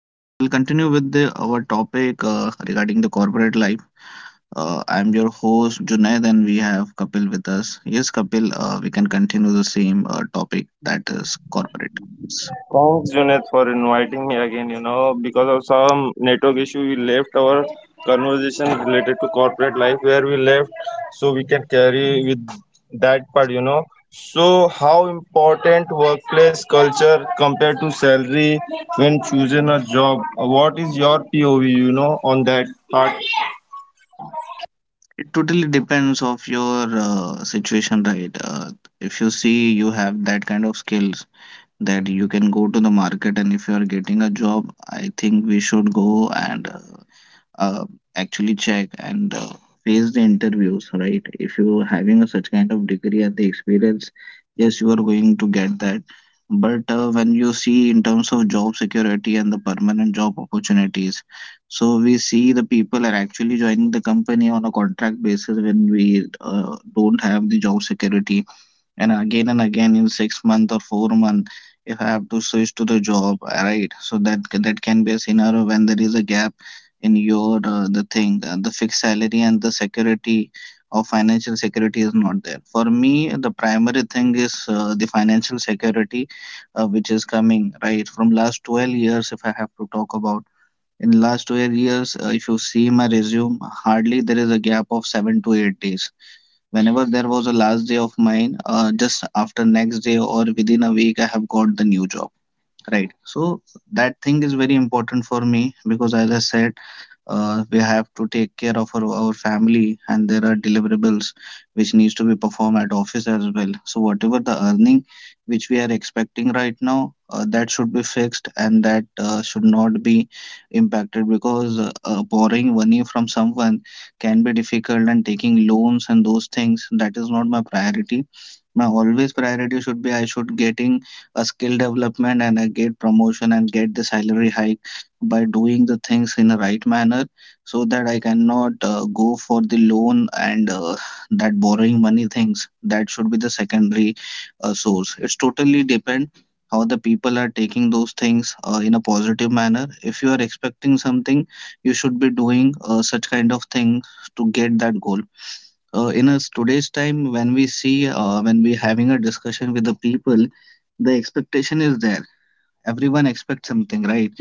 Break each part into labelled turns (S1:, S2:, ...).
S1: We'll continue with our topic regarding the corporate life. I'm your host Junaid, and we have Kapil with us. Yes, Kapil. We can continue the same topic, that is corporate. Yes.
S2: Thanks, Junaid, for inviting me again. Because of some network issue, we left our conversation related to corporate life where we left, so we can carry with that part. So how important workplace culture compared to salary when choosing a job? What is your POV? On that part.
S1: It totally depends of your situation, right? If you see you have that kind of skills that you can go to the market, and if you are getting a job, I think we should go and uh, actually check and face the interviews, right? If you are having a such kind of degree and the experience, yes, you are going to get that. But when you see in terms of job security and the permanent job opportunities, so we see the people are actually joining the company on a contract basis, when we don't have the job security, and again in 6 months or 4 months, if I have to switch to the job, right? So that, that can be a scenario when there is a gap in your the fixed salary, and the security or financial security is not there for me. The primary thing is the financial security, which is coming right from last 12 years. If I have to talk about, in last 12 years, if you see my resume, hardly there is a gap of 7 to 8 days. Whenever there was a last day of mine, just after next day or within a week, I have got the new job. Right. So that thing is very important for me, because, as I said, we have to take care of our family, and there are deliverables which needs to be performed at office as well. So whatever the earning which we are expecting right now, that should be fixed, and that should not be impacted, because borrowing money from someone can be difficult, and taking loans and those things, that is not my priority. My always priority should be I should getting a skill development, and a get promotion and get the salary hike by doing the things in the right manner, so that I cannot go for the loan, and that borrowing money things, that should be the secondary source. It's totally depend how the people are taking those things in a positive manner. If you are expecting something, you should be doing such kind of things to get that goal. Uh, in us today's time, when we see, when we having a discussion with the people, the expectation is there. Everyone expects something, right?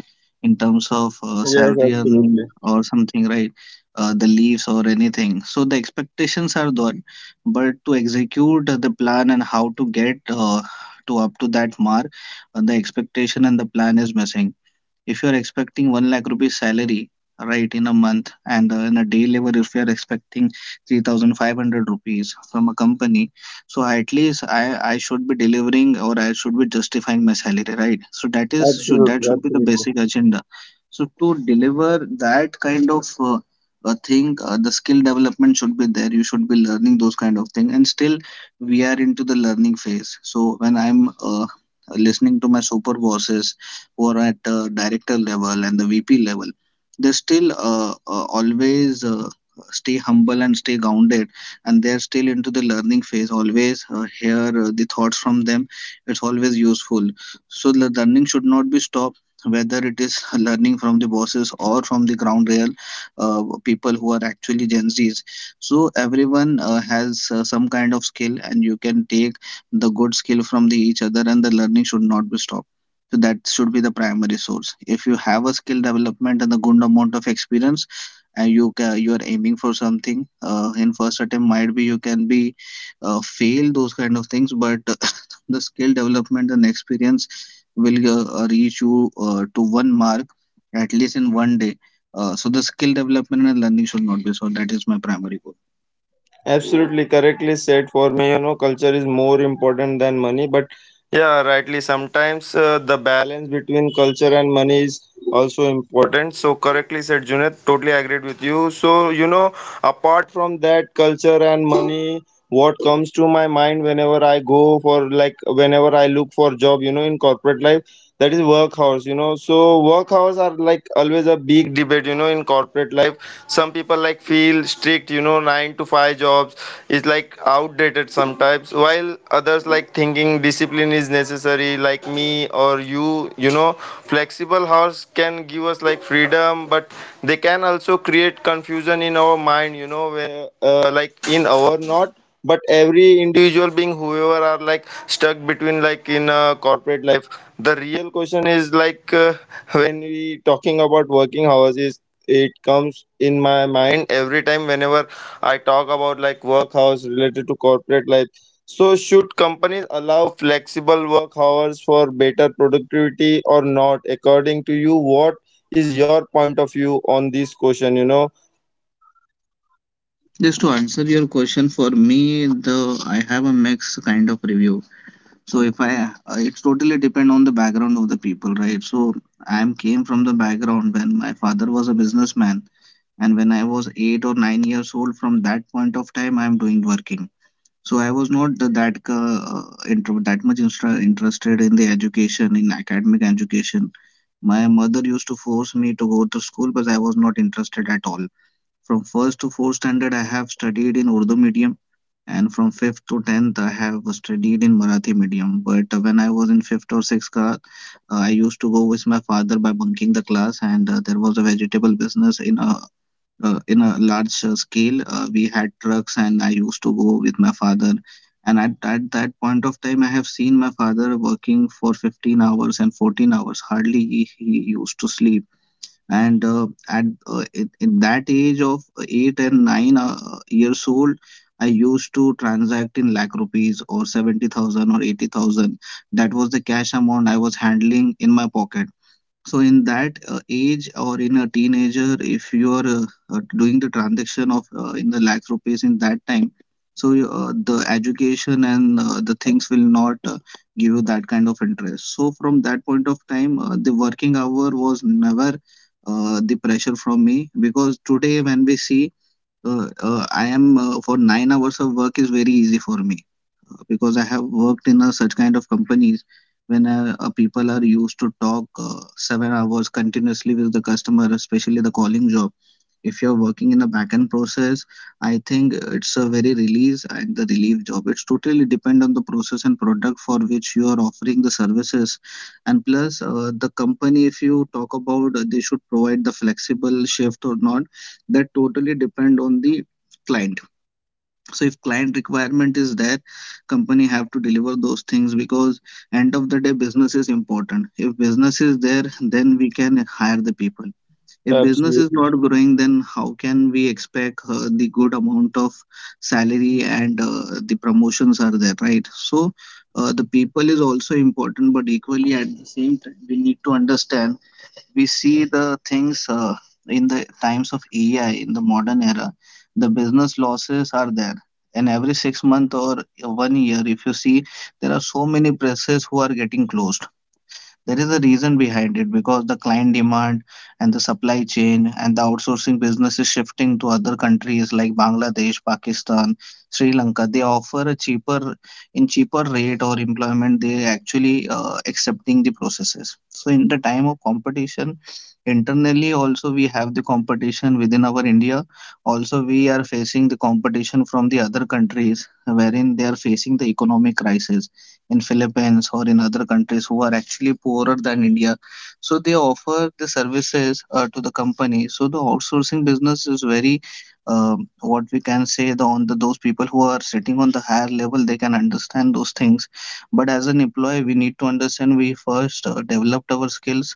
S1: In terms of
S2: Yes,
S1: salary, earning
S2: absolutely,
S1: or something, right? Uh, the leaves or anything, so the expectations are there, but to execute the plan and how to get to up to that mark, the expectation and the plan is missing. If you are expecting 1 lakh rupees salary right in a month, and in a day level, if you are expecting 3500 rupees from a company, so at least I should be delivering, or I should be justifying my salary, right? So that is, should that
S2: absolutely,
S1: should be the
S2: absolutely.
S1: basic agenda. So to deliver that kind of a thing the skill development should be there. You should be learning those kind of thing, and still we are into the learning phase. So when I'm uh, listening to my super bosses, who are at director level and the VP level, they still always stay humble and stay grounded, and they're still into the learning phase. Always hear the thoughts from them. It's always useful. So the learning should not be stopped. Whether it is learning from the bosses or from the ground real people who are actually Gen Zs, so everyone has some kind of skill, and you can take the good skill from the each other, and the learning should not be stopped. So that should be the primary source. If you have a skill development and a good amount of experience, and you are aiming for something, in first attempt might be you can be fail those kind of things, but the skill development and experience will reach you to one mark, at least in 1 day. So the skill development and learning should not be so. That is my primary goal.
S2: Absolutely correctly said. For me, culture is more important than money. But yeah, rightly, sometimes the balance between culture and money is also important. So, correctly said, Junet. Totally agreed with you. So, apart from that, culture and money, what comes to my mind whenever I look for job, in corporate life that is work hours. So work hours are like always a big debate, in corporate life. Some people like feel strict, 9 to 5 jobs is like outdated sometimes, while others like thinking discipline is necessary like me or you. You know Flexible hours can give us like freedom, but they can also create confusion in our mind, where like in our not but every individual being whoever are like stuck between like in a corporate life. The real question is like when we talking about working hours is it comes in my mind every time whenever I talk about like work hours related to corporate life. So should companies allow flexible work hours for better productivity or not? According to you, what is your point of view on this question?
S1: Just to answer your question, for me, the I have a mixed kind of review. So if I it's totally depend on the background of the people, right? So I'm came from the background when my father was a businessman, and when I was 8 or 9 years old, from that point of time I'm doing working. So I was not that that much interested in the education, in academic education. My mother used to force me to go to school, but I was not interested at all. From first to fourth standard, I have studied in Urdu medium, and from fifth to tenth, I have studied in Marathi medium. But when I was in fifth or sixth class, I used to go with my father by bunking the class, and there was a vegetable business in a large scale. We had trucks, and I used to go with my father. And at that point of time, I have seen my father working for 15 hours and 14 hours. Hardly he used to sleep, and in that age of eight and nine years old, I used to transact in lakh rupees or 70,000 or 80,000. That was the cash amount I was handling in my pocket. So in that age, or in a teenager, if you are doing the transaction of in the lakh rupees in that time, so the education and the things will not give you that kind of interest. So from that point of time, the working hour was never the pressure from me, because today when we see, I am, for 9 hours of work is very easy for me, because I have worked in such kind of companies when people are used to talk 7 hours continuously with the customer, especially the calling job. If you're working in a backend process, I think it's a very release and the relief job. It's totally depend on the process and product for which you are offering the services, and plus the company. If you talk about they should provide the flexible shift or not, that totally depend on the client. So if client requirement is there, company have to deliver those things, because end of the day business is important. If business is there, then we can hire the people. If business is
S2: Absolutely,
S1: not growing, then how can we expect the good amount of salary and the promotions are there, right? So the people is also important, but equally at the same time we need to understand, we see the things in the times of AI, in the modern era, the business losses are there. And every 6 months or 1 year, if you see, there are so many presses who are getting closed. There is a reason behind it, because the client demand and the supply chain and the outsourcing business is shifting to other countries like Bangladesh, Pakistan, Sri Lanka. They offer a cheaper, in cheaper rate or employment, they actually accepting the processes. So in the time of competition, internally also we have the competition within our India. Also we are facing the competition from the other countries, wherein they are facing the economic crisis in Philippines or in other countries who are actually poorer than India. So they offer the services to the company. So the outsourcing business is very, what we can say, the on the those people who are sitting on the higher level, they can understand those things. But as an employee, we need to understand, we first developed our skills.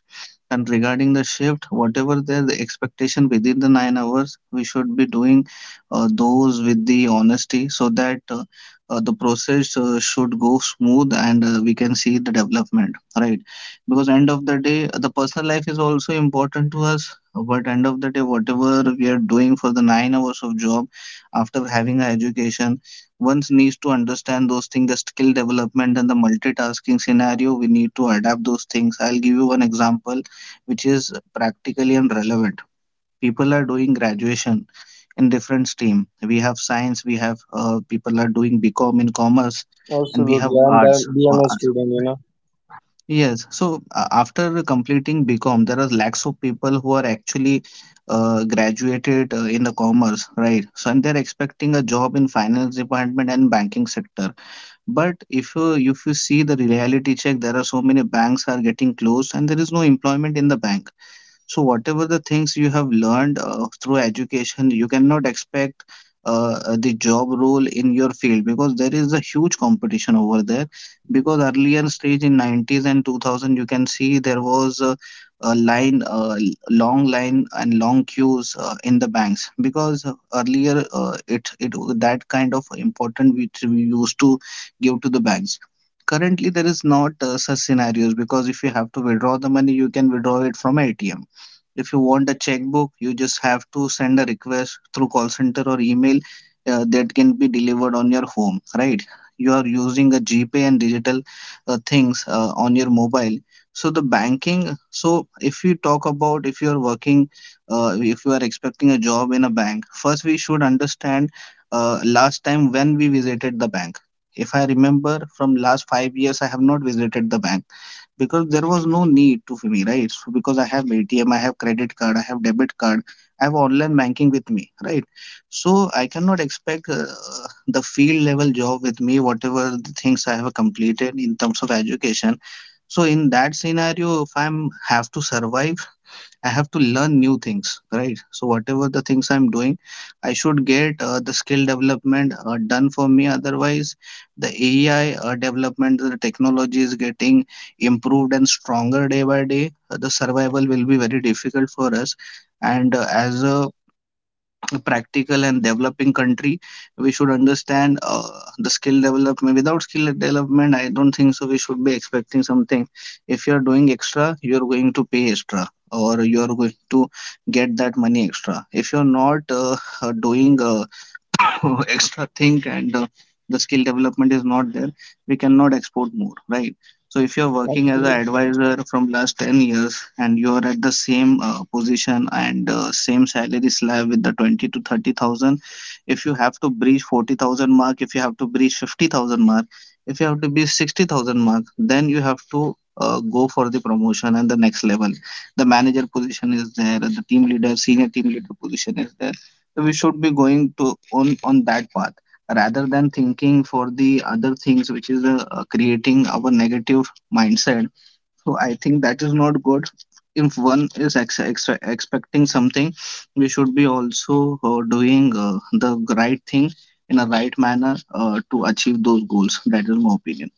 S1: And regarding the shift, whatever the expectation within the 9 hours, we should be doing those with the honesty, so that the process should go smooth, and we can see the development, right? Because end of the day the personal life is also important to us, but end of the day whatever we are doing for the 9 hours of job, after having an education, one needs to understand those things, the skill development and the multitasking scenario, we need to adapt those things. I'll give you one example which is practically and relevant. People are doing graduation in different stream. We have science, we have people are doing BCom in commerce, and we have
S2: absolutely, i'm,
S1: arts.
S2: I'm a student.
S1: Yes, so after completing BCom, there are lakhs of people who are actually graduated in the commerce, right? So and they're expecting a job in finance department and banking sector. But if you see the reality check, there are so many banks are getting closed, and there is no employment in the bank. So, whatever the things you have learned through education, you cannot expect the job role in your field because there is a huge competition over there. Because earlier stage in 90s and 2000, you can see there was a long line and long queues in the banks because earlier it it that kind of important which we used to give to the banks. Currently there is not such scenarios, because if you have to withdraw the money you can withdraw it from atm. If you want a checkbook, you just have to send a request through call center or email. Uh, that can be delivered on your home, right? You are using a GPay and digital things on your mobile. So the banking, so if you talk about if you are working, if you are expecting a job in a bank, first we should understand last time when we visited the bank. If I remember from last 5 years, I have not visited the bank because there was no need to me, right? So because I have atm, I have credit card, I have debit card, I have online banking with me, right? So I cannot expect the field level job with me whatever the things I have completed in terms of education. So in that scenario if I'm have to survive, I have to learn new things, right? So whatever the things I'm doing, I should get the skill development done for me. Otherwise, the AI development, the technology is getting improved and stronger day by day. The survival will be very difficult for us. And as a practical and developing country, we should understand the skill development. Without skill development I don't think so we should be expecting something. If you are doing extra you are going to pay extra or you are going to get that money extra. If you're not doing extra thing and the skill development is not there, we cannot export more, right? So if you're working as an
S2: Absolutely.
S1: advisor from last 10 years and you're at the same position and same salary slab with the 20 to 30,000, if you have to breach 40,000 mark, if you have to breach 50,000 mark, if you have to breach 60,000 mark, then you have to go for the promotion and the next level. The manager position is there, the team leader senior team leader position is there. So we should be going to on that path, rather than thinking for the other things, which is creating our negative mindset. So I think that is not good. If one is ex ex expecting something, we should be also doing the right thing in a right manner to achieve those goals. That is my opinion.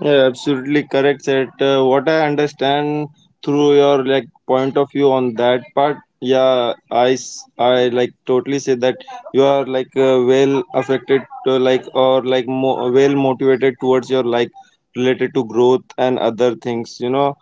S2: Yeah, absolutely correct, Seth. What I understand through your like point of view on that part, yeah, I like totally say that you are like well affected, to, like or like well motivated towards your like related to growth and other things.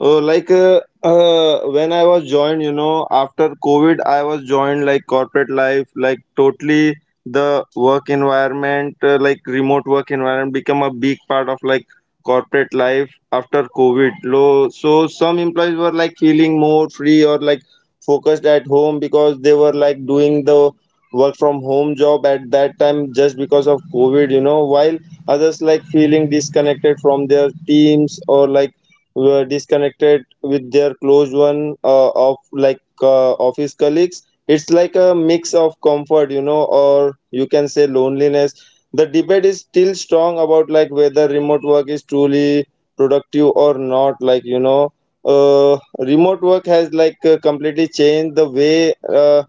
S2: Like when I was joined, after COVID, I was joined like corporate life, like totally the work environment, like remote work environment, become a big part of like corporate life after COVID. So some employees were like feeling more free or like focused at home because they were like doing the work from home job at that time just because of COVID, while others like feeling disconnected from their teams or like were disconnected with their close one of like office colleagues. It's like a mix of comfort, or you can say loneliness. The debate is still strong about like whether remote work is truly productive or not, like, you know. Remote work has like completely changed the way uh,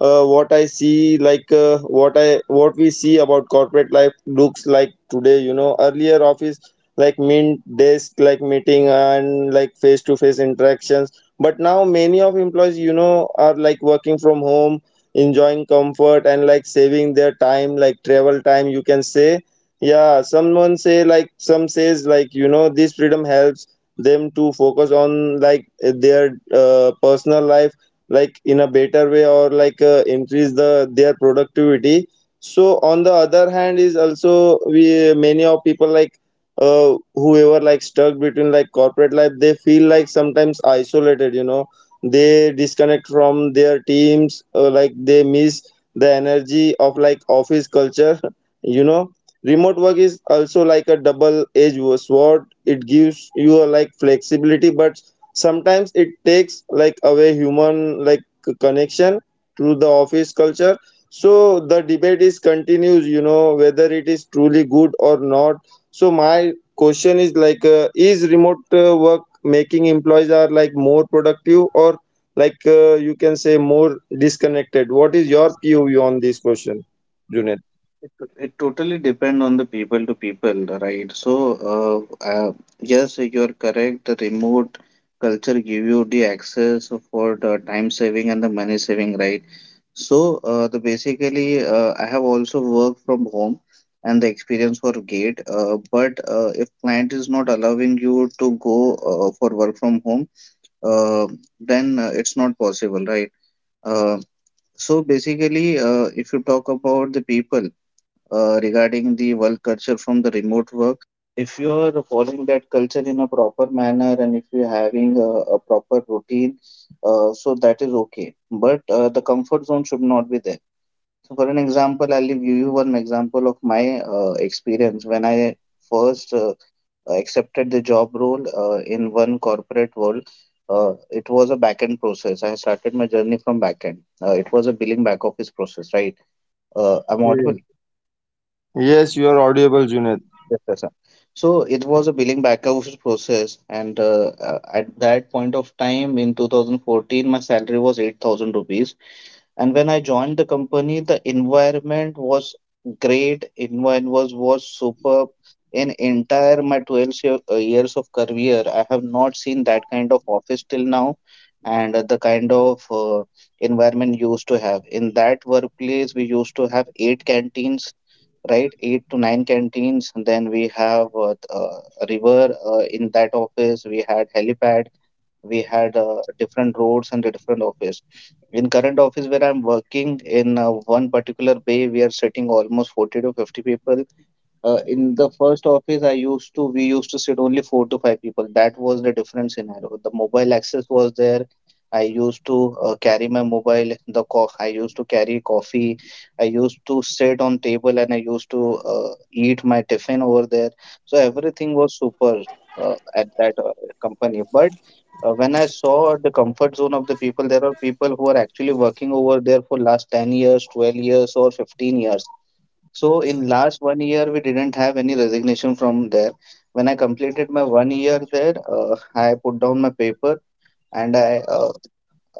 S2: uh, what I see like what we see about corporate life looks like today, earlier office like mint desk like meeting and like face to face interactions, but now many of employees, are like working from home, enjoying comfort and like saving their time like travel time, you can say. Yeah, some says like this freedom helps them to focus on like their personal life like in a better way or like increase their productivity. So on the other hand is also, we many of people like whoever like stuck between like corporate life, they feel like sometimes isolated, they disconnect from their teams, like they miss the energy of like office culture you know remote work is also like a double edged sword. It gives you a like flexibility, but sometimes it takes like away human like connection to the office culture. So the debate is continues, whether it is truly good or not. So my question is like, is remote work making employees are like more productive or like you can say more disconnected? What is your POV on this question, Junaid?
S1: It totally depend on the people to people, right? So, uh, uh, yes, you're correct. The remote culture give you the access for the time saving and the money saving, right? So, the basically, I have also worked from home and the experience for gate. But if client is not allowing you to go for work from home, uh, then it's not possible, right? Uh, so basically, if you talk about the people regarding the work culture from the remote work. If you are following that culture in a proper manner and if you're having a proper routine, so that is okay. But the comfort zone should not be there. So, for an example, I'll give you one example of my experience when I first accepted the job role in one corporate world. It was a back-end process. I started my journey from back-end. It was a billing back office process, right? I'm
S2: Okay.
S1: audible.
S2: Yes, you are audible, Junaid.
S1: Yes, yes, sir. So it was a billing backhouse process, and at that point of time in 2014, my salary was 8,000 rupees, and when I joined the company, the environment was great. Environment was superb. In entire my 12 years of career, I have not seen that kind of office till now, and the kind of environment used to have. In that workplace, we used to have eight canteens, right? Eight to nine canteens. And then we have a river in that office. We had helipad, we had different roads and different office. In current office where I'm working in one particular bay, we are sitting almost 40 to 50 people, in the first office, I used to we used to sit only four to five people. That was the different scenario. The mobile access was there. I used to carry my mobile. I used to carry coffee. I used to sit on table and I used to eat my tiffin over there. So everything was super at that company. But when I saw the comfort zone of the people, there are people who are actually working over there for last 10 years, 12 years, or 15 years. So in last one year, we didn't have any resignation from there. When I completed my one year there, I put down my paper, and I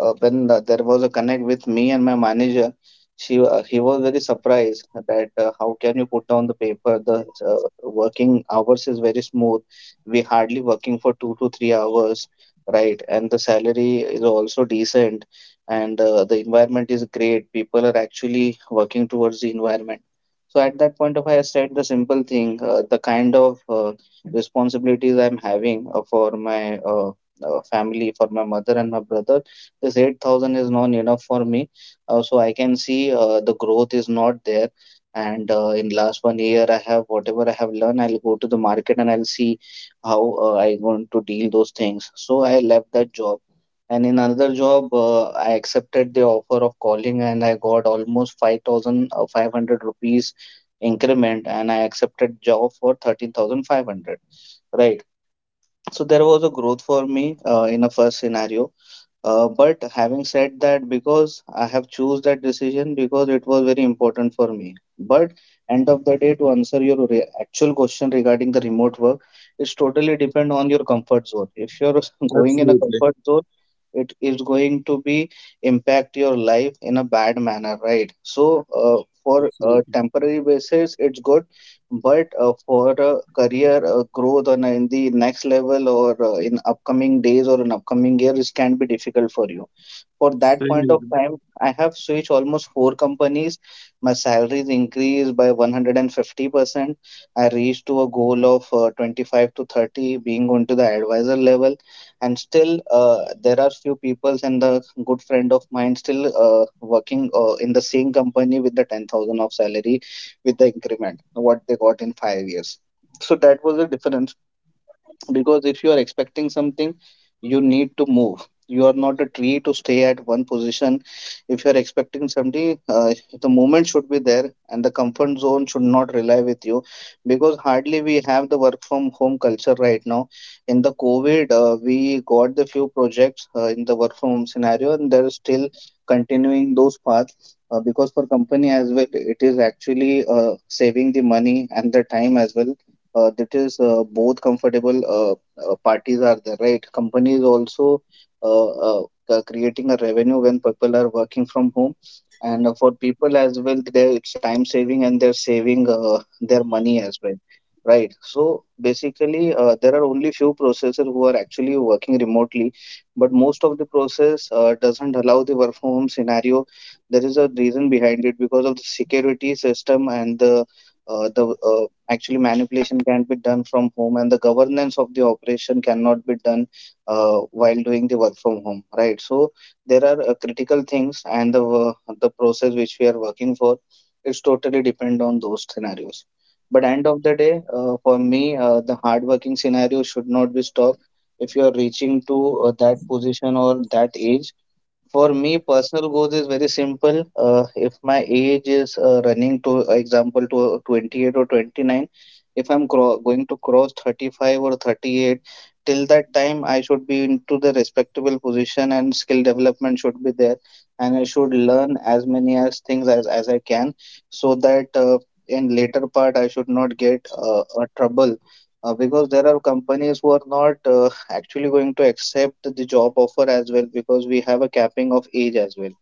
S1: when there was a connect with me and my manager. She he was very surprised that how can you put down the paper? The working hours is very smooth. We hardly working for 2 to 3 hours, right? And the salary is also decent, and the environment is great. People are actually working towards the environment. So at that point of I said the simple thing, the kind of responsibilities I'm having for my family, for my mother and my brother, this 8,000 is not enough for me. So I can see the growth is not there, and in last one year I have whatever I have learned, I'll go to the market and I'll see how I going to deal those things. So I left that job, and in another job I accepted the offer of calling and I got almost 5,500 rupees increment and I accepted job for 13,500, right? So there was a growth for me in a first scenario. But having said that, because I have choose that decision because it was very important for me. But end of the day, to answer your re actual question regarding the remote work, it's totally depend on your comfort zone. If you're going in a comfort zone, it is going to be
S2: Absolutely.
S1: impact your life in a bad manner, right? So for a temporary basis, it's good, but uh, for
S2: Absolutely.
S1: uh, career growth on in the next level or in upcoming days or in upcoming years, it can be difficult for you. For that point of time, I have switched almost four companies.
S2: Same
S1: My
S2: here.
S1: salary is increased by 150%. I reached to a goal of 25 to 30 being on to the advisor level. And still, there are few peoples and the good friend of mine still working in the same company with the 10,000 of salary with the increment what they got in 5 years. So that was the difference, because if you are expecting something, you need to move. You are not a tree to stay at one position. If you are expecting something, the movement should be there and the comfort zone should not rely with you. Because hardly we have the work from home culture right now. In the covid we got the few projects in the work from home scenario and they're still continuing those paths, because for company as well it is actually saving the money and the time as well. That is both comfortable parties are there, right? Companies also uh, uh, creating a revenue when people are working from home, and for people as well, there it's time saving and they're saving their money as well, right? So basically, there are only few processors who are actually working remotely, but most of the process doesn't allow the work from home scenario. There is a reason behind it because of the security system and the actually manipulation can be done from home, and the governance of the operation cannot be done while doing the work from home, right? So there are critical things, and the process which we are working for, it's totally depend on those scenarios. But end of the day, for me, the hardworking scenario should not be stopped. If you are reaching to that position or that age, for me, personal goals is very simple. If my age is running to, example, to 28 or 29, if I'm cro going to cross 35 or 38, till that time I should be into the respectable position and skill development should be there, and I should learn as many as things as I can, so that in later part I should not get a trouble because there are companies who are not actually going to accept the job offer as well because we have a capping of age as well,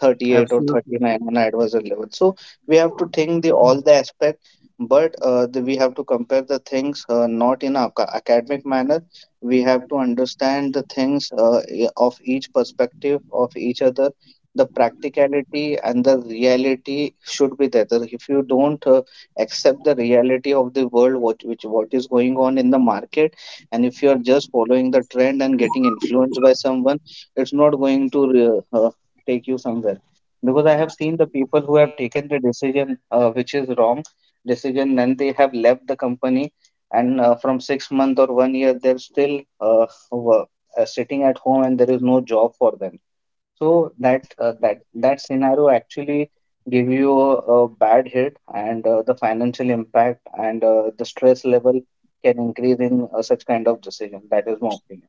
S1: 38 or 39 on advisor level.
S2: Absolutely.
S1: So we have to think the all the aspect, but we have to compare the things not in a academic manner. We have to understand the things of each perspective of each other. The practicality and the reality should be there. So if you don't accept the reality of the world, what is going on in the market, and if you are just following the trend and getting influenced by someone, it's not going to take you somewhere, because I have seen the people who have taken the decision which is wrong decision, then they have left the company, and from six month or one year they're still, uh, wo- sitting at home and there is no job for them. So that uh, that that scenario actually give you a bad hit and the financial impact and the stress level can increase in such kind of decision. That is my opinion.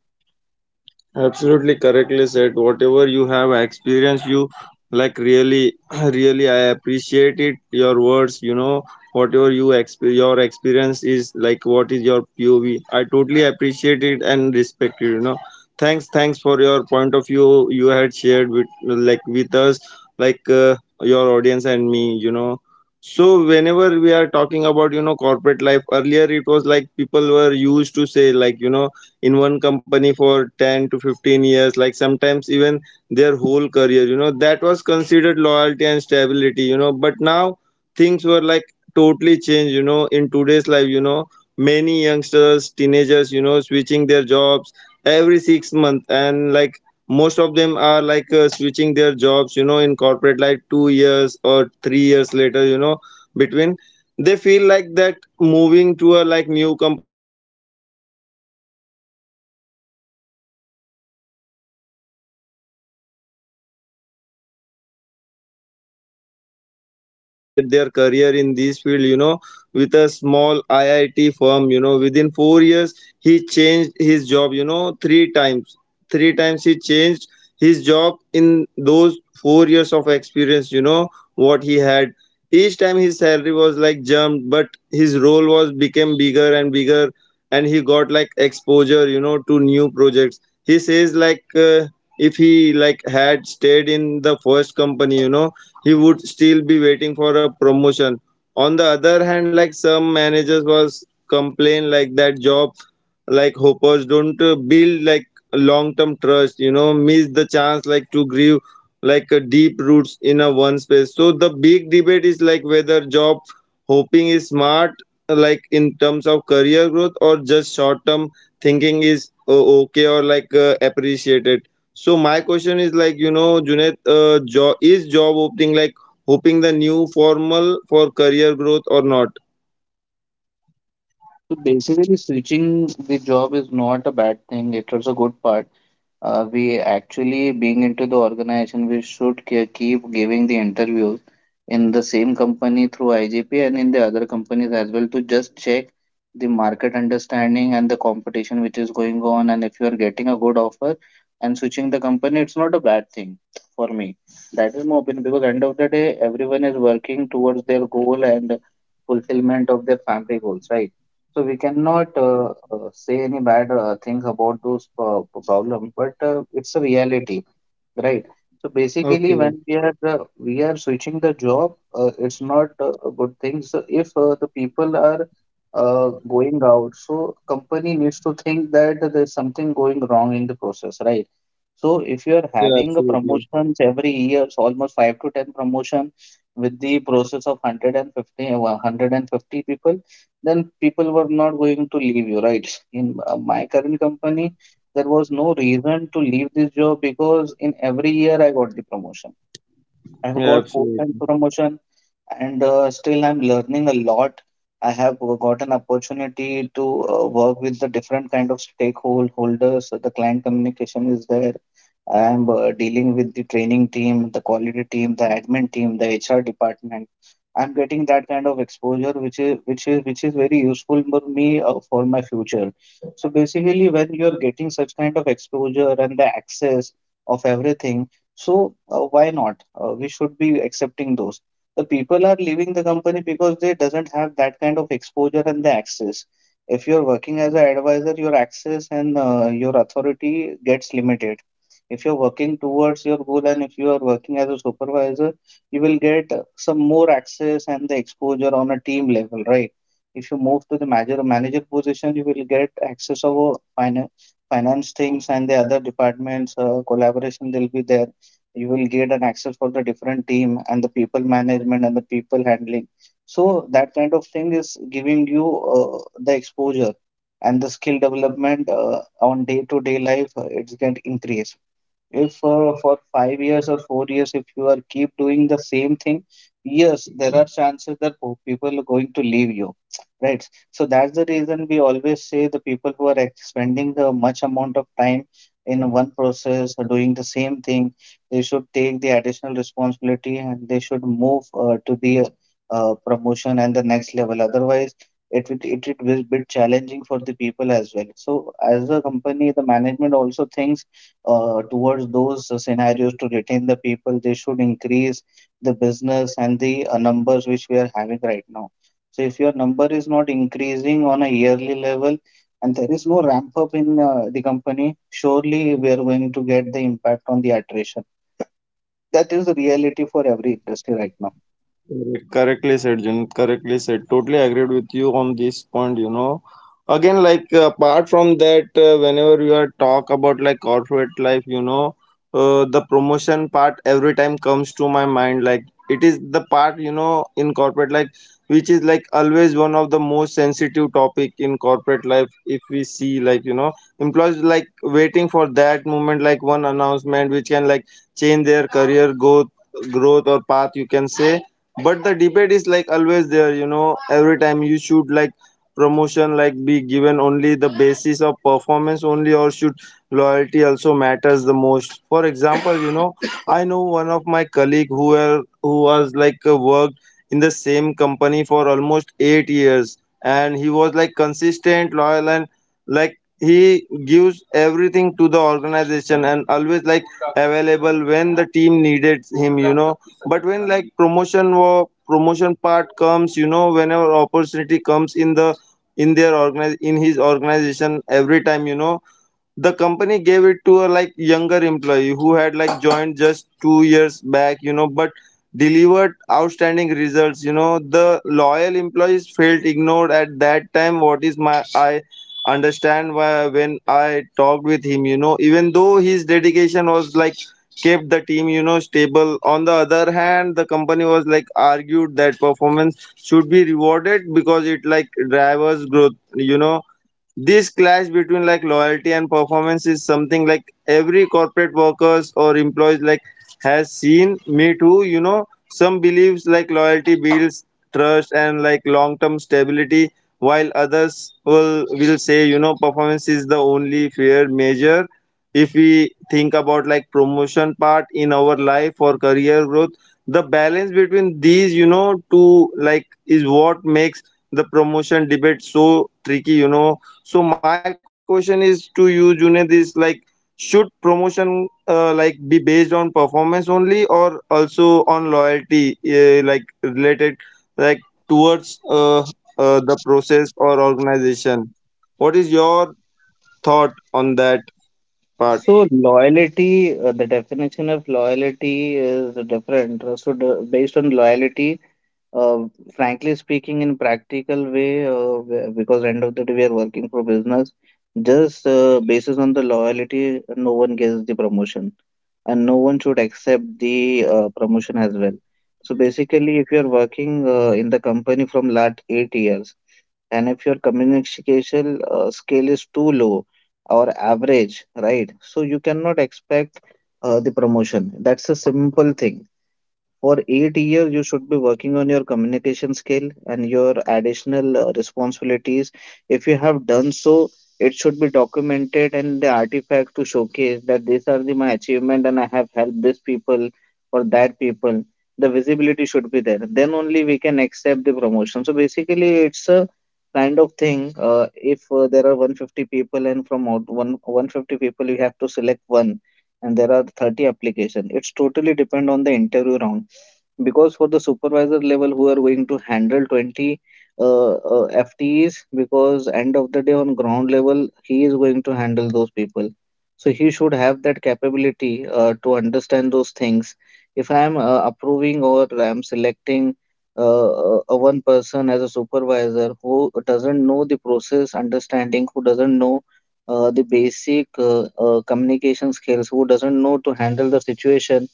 S2: Absolutely correctly said. Whatever you have experienced, you like really, really, I appreciate it. Your words, whatever your experience is like, what is your POV? I totally appreciate it and respect it. You know, thanks for your point of view you had shared with like with us, like your audience and me. So whenever we are talking about corporate life, earlier it was like people were used to say like in one company for 10 to 15 years like sometimes even their whole career, that was considered loyalty and stability, but now things were like totally changed, in today's life, many youngsters teenagers, switching their jobs every 6 months and like most of them are like switching their jobs, in corporate like 2 years or 3 years later, between they feel like that moving to a like new company gives them like a better salary, faster promotion or sometimes like fresh learning opportunities as well. For example, like I know one of my friends like who are started their career in this field, with a small iit firm, within 4 years he changed his job, three times, three times he changed his job in those 4 years of experience, what he had. Each time his salary was like jumped, but his role was became bigger and bigger, and he got like exposure, you know, to new projects. He says like if he like had stayed in the first company, he would still be waiting for a promotion. On the other hand, like some managers was complain like that job like hoppers don't build like long term trust, miss the chance like to grieve like a deep roots in a one space. So the big debate is like whether job hoping is smart like in terms of career growth or just short term thinking is okay or like appreciated. So my question is like Junaid, job opening like hoping the new formal for career growth or not?
S1: So basically, switching the job is not a bad thing. It is a good part. We actually, being into the organization, we should keep giving the interviews in the same company through IGP and in the other companies as well to just check the market understanding and the competition which is going on. And if you are getting a good offer and switching the company, it's not a bad thing for me. That is my opinion, because end of the day, everyone is working towards their goal and fulfillment of their family goals, right? So we cannot say any bad thing about problem, but it's a reality, right? So basically,
S2: Okay.
S1: when we are switching the job, it's not a good thing. So if the people are uh, going out, so company needs to think that there's something going wrong in the process, right? So if you are
S2: Yeah,
S1: having a
S2: absolutely.
S1: promotions every year, so almost five to ten promotion with the process of 150, 150 people, then people were not going to leave you, right? In my current company, there was no reason to leave this job because in every year I got the promotion. I've
S2: Yeah,
S1: got four times
S2: absolutely.
S1: promotion, and still I'm learning a lot. I have got an opportunity to work with the different kind of stakeholders. So the client communication is there. I'm dealing with the training team, the quality team, the admin team, the HR department. I'm getting that kind of exposure, which is very useful for me for my future. So basically, when you're getting such kind of exposure and the access of everything, so why not? We should be accepting those. The people are leaving the company because they doesn't have that kind of exposure and the access. If you're working as an advisor, your access and your authority gets limited. If you're working towards your goal, and if you are working as a supervisor, you will get some more access and the exposure on a team level, right? If you move to the manager position, you will get access of finance things, and the other departments collaboration will be there. You will get an access for the different team and the people management and the people handling. So that kind of thing is giving you uh, the exposure and the skill development on day to day life. It's going to increase if for five years or four years, if you are keep doing the same thing, yes, there are chances that people are going to leave you, right? So that's the reason we always say the people who are spending the much amount of time in one process or doing the same thing, they should take the additional responsibility and they should move to the promotion and the next level. Otherwise, it will be challenging for the people as well. So as a company, the management also thinks towards those scenarios to retain the people. They should increase the business and the numbers which we are having right now. So if your number is not increasing on a yearly level and there is no ramp up in the company, surely we are going to get the impact on the attrition. That is the reality for every industry right now.
S2: Correctly said, Jin. Correctly said. Totally agreed with you on this point. Again, like apart from that, whenever you are talk about like corporate life, the promotion part every time comes to my mind. Like it is the part in corporate life, which is like always one of the most sensitive topic in corporate life. If we see like employees like waiting for that moment, like one announcement which can like change their career growth or path, you can say. But the debate is like always there, every time you should like promotion like be given only the basis of performance only or should loyalty also matters the most. For example, I know one of my colleague who was like worked in the same company for almost 8 years, and he was like consistent loyal and like he gives everything to the organization and always like available when the team needed him, but when like promotion or promotion part comes, whenever opportunity comes in the in their organize in his organization every time, the company gave it to a like younger employee who had like joined just 2 years back, but delivered outstanding results, the loyal employees felt ignored at that time. What is my I understand why when I talked with him, even though his dedication was like kept the team, stable. On the other hand, the company was like argued that performance should be rewarded because it like drivers growth, you know this clash between like loyalty and performance is something like every corporate workers or employees like has seen me too, some believes like loyalty builds trust and like long term stability, while others will say, performance is the only fair measure. If we think about like promotion part in our life or career growth, the balance between these, two like is what makes the promotion debate so tricky, so my question is to you, Junaid, is like, should promotion like be based on performance only or also on loyalty, like related like towards the process or organization? What is your thought on that part?
S1: So loyalty, the definition of loyalty is different. So based on loyalty, Uh, frankly speaking, in practical way, because end of the day we are working for business, just basis on the loyalty, no one gets the promotion, and no one should accept the promotion as well. So basically, if you are working in the company from last eight years, and if your communication skill is too low or average, right? So you cannot expect the promotion. That's a simple thing. For eight years you should be working on your communication skill and your additional responsibilities. If you have done so, it should be documented and the artifact to showcase that these are the my achievement, and I have helped this people or that people. The visibility should be there, then only we can accept the promotion. So basically, it's a kind of thing, uh, if there are 150 people, and from out one 150 people you have to select one, and there are 30 application, it's totally depend on the interview round, because for the supervisor level who are going to handle 20 FTEs, because end of the day on ground level he is going to handle those people, so he should have that capability to understand those things. If I am approving or I am selecting a one person as a supervisor who doesn't know the process understanding, who doesn't know the basic communication skills, who doesn't know to handle the situation,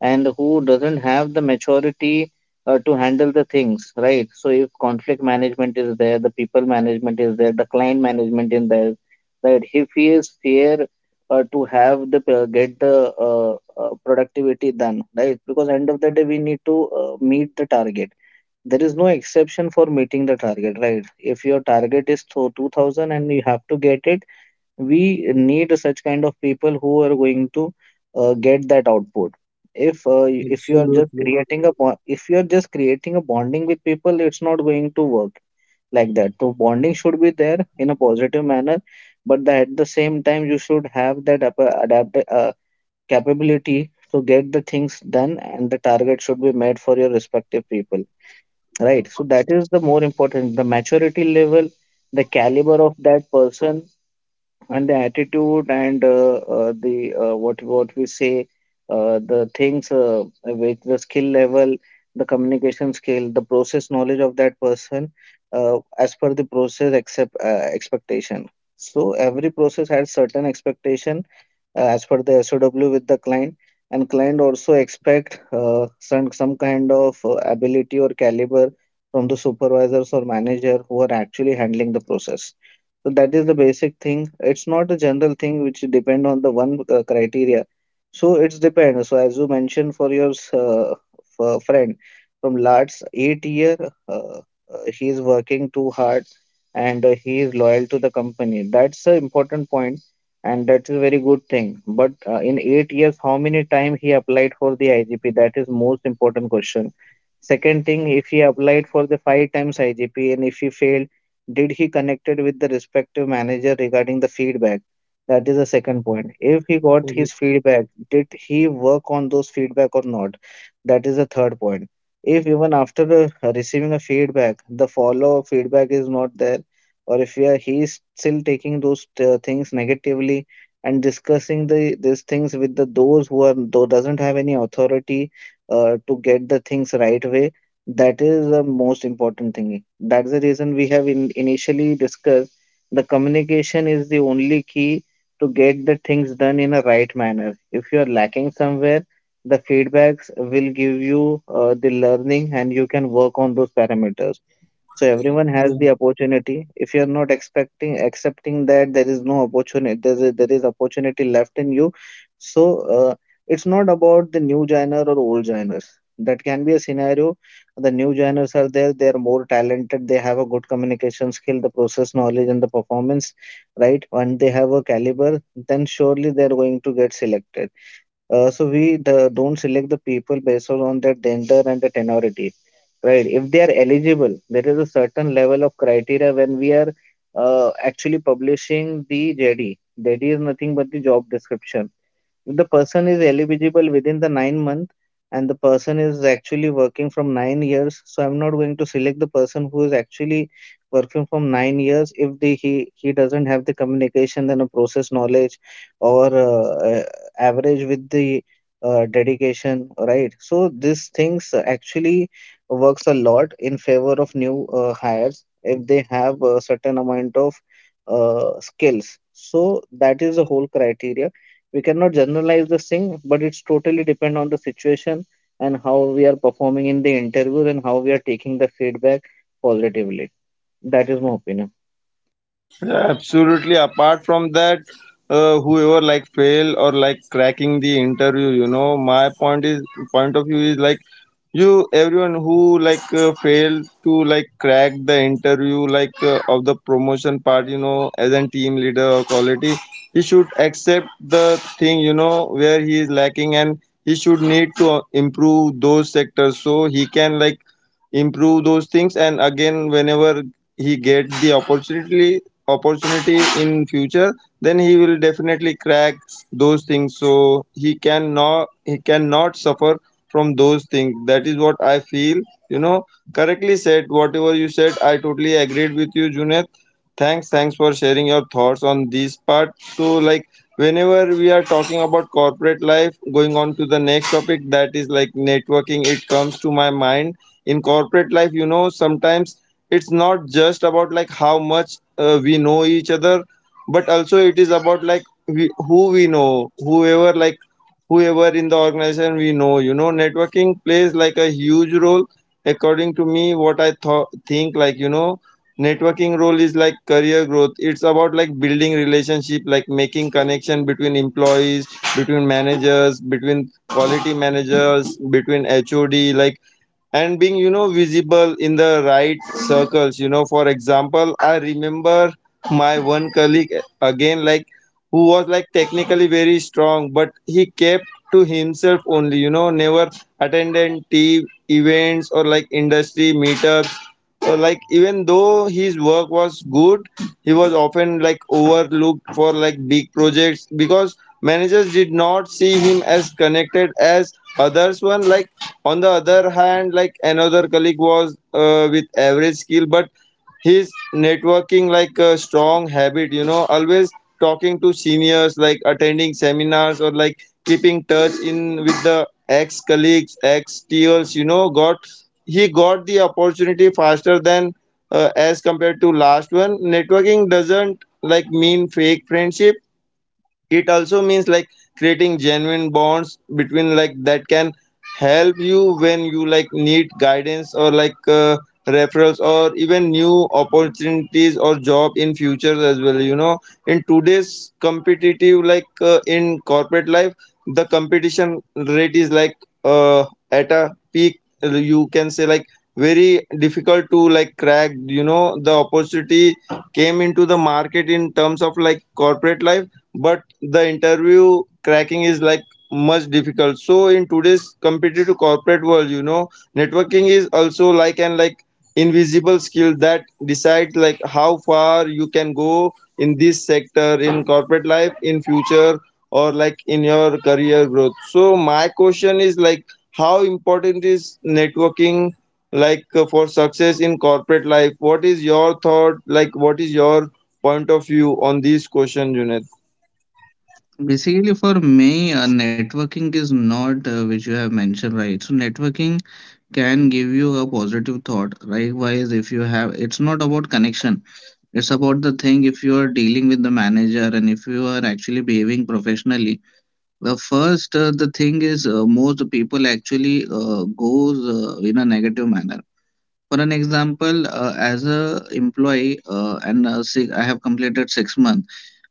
S1: and who doesn't have the maturity to handle the things, right? So if conflict management is there, the people management is there, the client management is there, that if he is fair to have the get the productivity done, right? Because end of the day we need to meet the target. There is no exception for meeting the target, right? If your target is 2,000 and you have to get it, we need such kind of people who are going to get that
S2: Absolutely
S1: output. If if you are just creating a bo- if you are just creating a bonding with people, it's not going to work like that. So bonding should be there in a positive manner, but that at the same time you should have that adapt capability to get the things done, and the target should be made for your respective people, right? So that is the more important, the maturity level, the caliber of that person, and the attitude, and the what we say the things with the skill level, the communication skill, the process knowledge of that person, as per the process except expectation. So every process has certain expectation, as per the SOW with the client, and client also expect some kind of ability or caliber from the supervisors or manager who are actually handling the process. So that is the basic thing. It's not a general thing which depend on the one criteria. So it's depend. So as you mentioned for your friend from last 8 year, uh, uh, he is working too hard and he is loyal to the company. That's the important point, and that's a very good thing. But in 8 years, how many time he applied for the IGP? That is most important question. Second thing, if he applied for the 5 times IGP and if he failed, did he connected with the respective manager regarding the feedback? That is the second point. If he got his
S2: correct.
S1: feedback, did he work on those feedback or not? That is the third point. If even after receiving a feedback, the follow-up feedback is not there, or if we are, he is still taking those things negatively and discussing the these things with the those who are though doesn't have any authority to get the things right way, that is the most important thing. That's the reason we have initially discussed the communication is the only key to get the things done in a right manner. If you are lacking somewhere, the feedbacks will give you the learning and you can work on those parameters. So everyone has the opportunity. If you're not expecting accepting that there is no opportunity, there is opportunity left in you. So uh, it's not about the new genre or old genres. That can be a scenario. The new genres are there. They are more talented. They have a good communication skill, the process knowledge, and the performance, right? When they have a caliber, then surely they're going to get selected. So don't select the people based on their gender and the tenority, right? If they are eligible, there is a certain level of criteria when we are actually publishing the JD. JD is nothing but the job description. If the person is eligible within the 9 month and the person is actually working from 9 years, so I'm not going to select the person who is actually working from 9 years if the he doesn't have the communication then a process knowledge or average with the dedication, right? So these things actually works a lot in favor of new hires if they have a certain amount of skills. So that is the whole criteria. We cannot generalize this thing, but it's totally depend on the situation and how we are performing in the interview and how we are taking the feedback positively. That is my opinion.
S2: Yeah, absolutely. Apart from that, whoever like fail or like cracking the interview, you know, my point of view is like you everyone who like failed to like crack the interview like of the promotion part, you know, as a team leader or quality, he should accept the thing, you know, where he is lacking and he should need to improve those sectors so he can like improve those things. And again, whenever he gets the opportunity in future, then he will definitely crack those things, so he cannot suffer from those things. That is what I feel, you know. Correctly said, whatever you said, I totally agreed with you, Junet. Thanks for sharing your thoughts on this part. So like, whenever we are talking about corporate life, going on to the next topic, that is like networking, it comes to my mind. In corporate life, you know, sometimes it's not just about like how much we know each other, but also it is about like we, who we know, whoever like whoever in the organization we know, you know, networking plays like a huge role. According to me, what I thought think like, you know, networking role is like career growth. It's about like building relationship, like making connection between employees, between managers, between quality managers, between HOD like, and being, you know, visible in the right circles. You know, for example, I remember my one colleague, again like, who was like technically very strong, but he kept to himself only, you know, never attended team events or like industry meetups, or like even though his work was good, he was often like overlooked for like big projects because managers did not see him as connected as others. One like, on the other hand, like another colleague was with average skill, but his networking like a strong habit. You know, always talking to seniors, like attending seminars or like keeping touch in with the ex colleagues, ex teals. You know, got he got the opportunity faster than as compared to last one. Networking doesn't like mean fake friendship, it also means like creating genuine bonds between like that can help you when you like need guidance or like referrals or even new opportunities or job in future as well, you know. In today's competitive like in corporate life, the competition rate is like uh, at a peak, you can say like very difficult to like crack, you know, the opportunity came into the market in terms of like corporate life, but the interview cracking is like much difficult. So in today's competitive corporate world, you know, networking is also like an like invisible skill that decides like how far you can go in this sector in corporate life in future, or like in your career growth. So my question is like, how important is networking like for success in corporate life? What is your thought like? What is your point of view on this question, Junaid?
S1: Basically, for me, networking is not which you have mentioned, right? So, networking can give you a positive thought. Likewise, if you have, it's not about connection, it's about the thing if you are dealing with the manager and if you are actually behaving professionally. Well, first, the thing is, most people actually goes in a negative manner. For an example, as a employee, I have completed 6 months.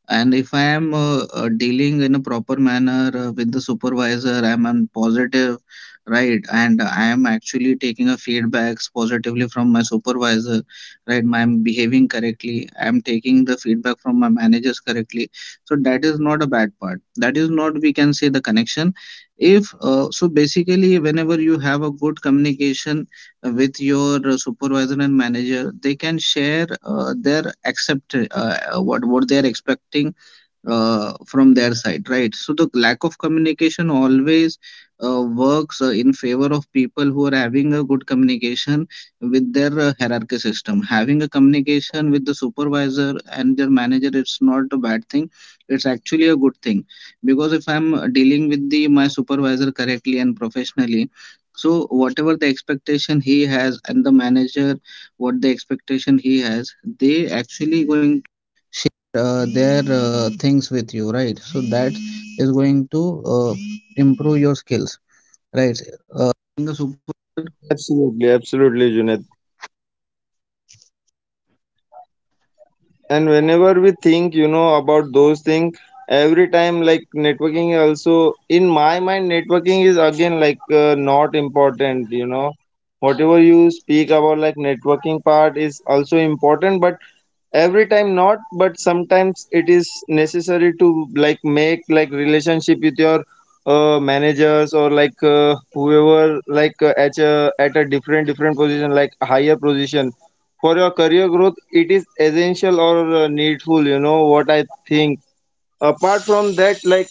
S1: And if I am dealing in a proper manner with the supervisor, I'm on positive, right? And I am actually taking a feedbacks positively from my supervisor, right? I'm behaving correctly. I'm taking the feedback from my managers correctly. So that is not a bad part. That is not we can say the connection. If so, basically, whenever you have a good communication with your supervisor and manager, they can share their accept what they are expecting from their side, right? So the lack of communication always works in favor of people who are having a good communication with their hierarchy system. Having a communication with the supervisor and their manager, it's not a bad thing. It's actually a good thing because if I'm dealing with the my supervisor correctly and professionally, so whatever the expectation he has and the manager, what the expect.
S2: Absolutely, absolutely, Junaid. And whenever we think, you know, about those things, every time like networking also in my mind, networking is again like not important. You know, whatever you speak about like networking part is also important, but every time not, but sometimes it is necessary to like make like relationship with your managers or like whoever like at a different position, like higher position, for your career growth it is essential or needful, you know, what I think. Apart from that like,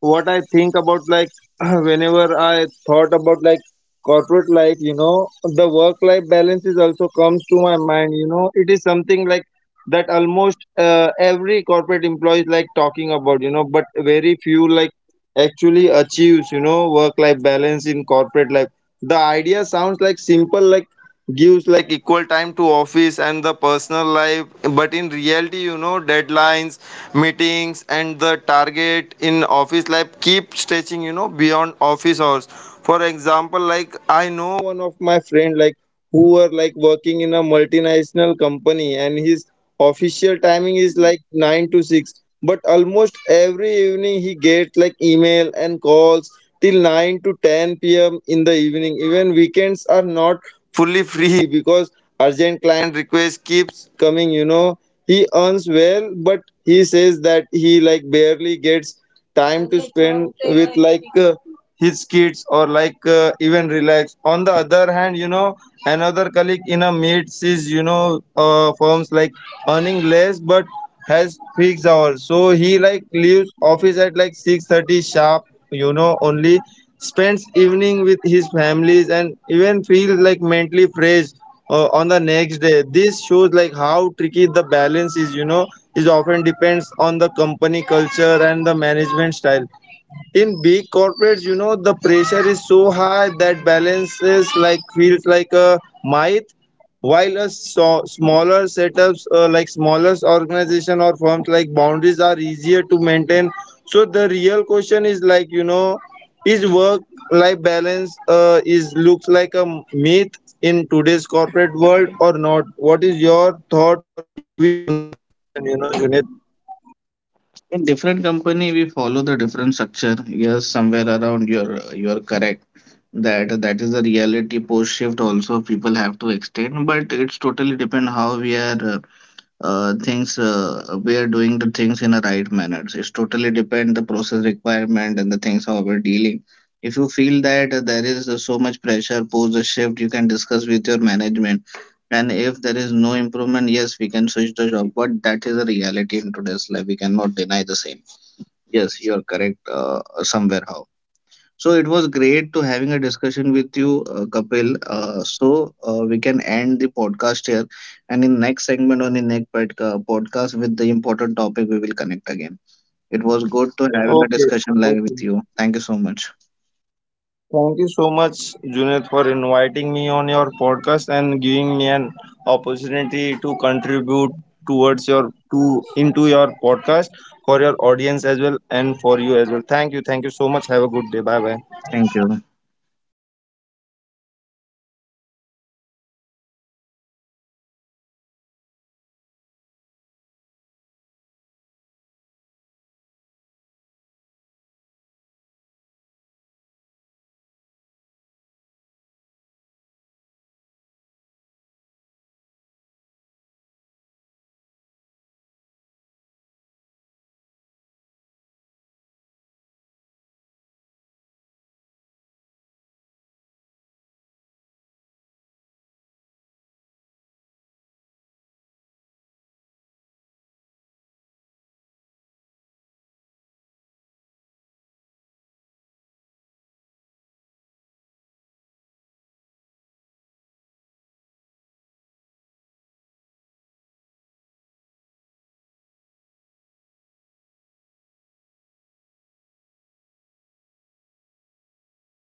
S2: what I think about like whenever I thought about like corporate life, you know, the work life balance is also comes to my mind. You know, it is something like that almost every corporate employee is like talking about. You know, but very few like actually achieves, you know, work life balance in corporate life. The idea sounds like simple, like gives like equal time to office and the personal life, but in reality, you know, deadlines, meetings and the target in office life keep stretching, you know, beyond office hours. For example, like I know one of my friend like who were like working in a multinational company, and his official timing is like 9 to 6, but almost every evening he gets like email and calls till 9 to 10 p.m. in the evening. Even weekends are not fully free because urgent client requests keeps coming, you know. He earns well, but he says that he like barely gets time to spend with like his kids or like even relax. On the other hand, you know, another colleague in a mid sees, you know, firms like earning less, but has fixed hours, so he like leaves office at like 6:30 sharp, you know, only spends evening with his families and even feel like mentally fresh on the next day. This shows like how tricky the balance is, you know, is often depends on the company culture and the management style. In big corporates, you know, the pressure is so high that balance is like feels like a myth, while a smaller setups, like smaller organization or firms, like boundaries are easier to maintain. So the real question is like, you know, is work life balance is looks like a myth in today's corporate world or not? What is your thought, you know, Junaid?
S1: In different company, we follow the different structure. Yes, somewhere around you're correct that that is the reality. Post shift also people have to extend, but it's totally depend how we are. Things we are doing the things in a right manner. So it's totally depend the process requirement and the things how we're dealing. If you feel that there is so much pressure post the shift, you can discuss with your management, and if there is no improvement, yes, we can switch the job. But that is a reality in today's life, we cannot deny the same. Yes, you are correct somewhere how. So it was great to having a discussion with you, Kapil. So we can end the podcast here, and in next segment on the next podcast with the important topic, we will connect again. It was good to having a discussion
S2: Okay.
S1: like with you.
S2: Okay.
S1: Thank you so much.
S2: Thank you so much, Junaid, for inviting me on your podcast and giving me an opportunity to contribute towards your to into your podcast for your audience as well and for you as well. Thank you. Thank you so much. Have a good day. Bye bye.
S1: Thank you.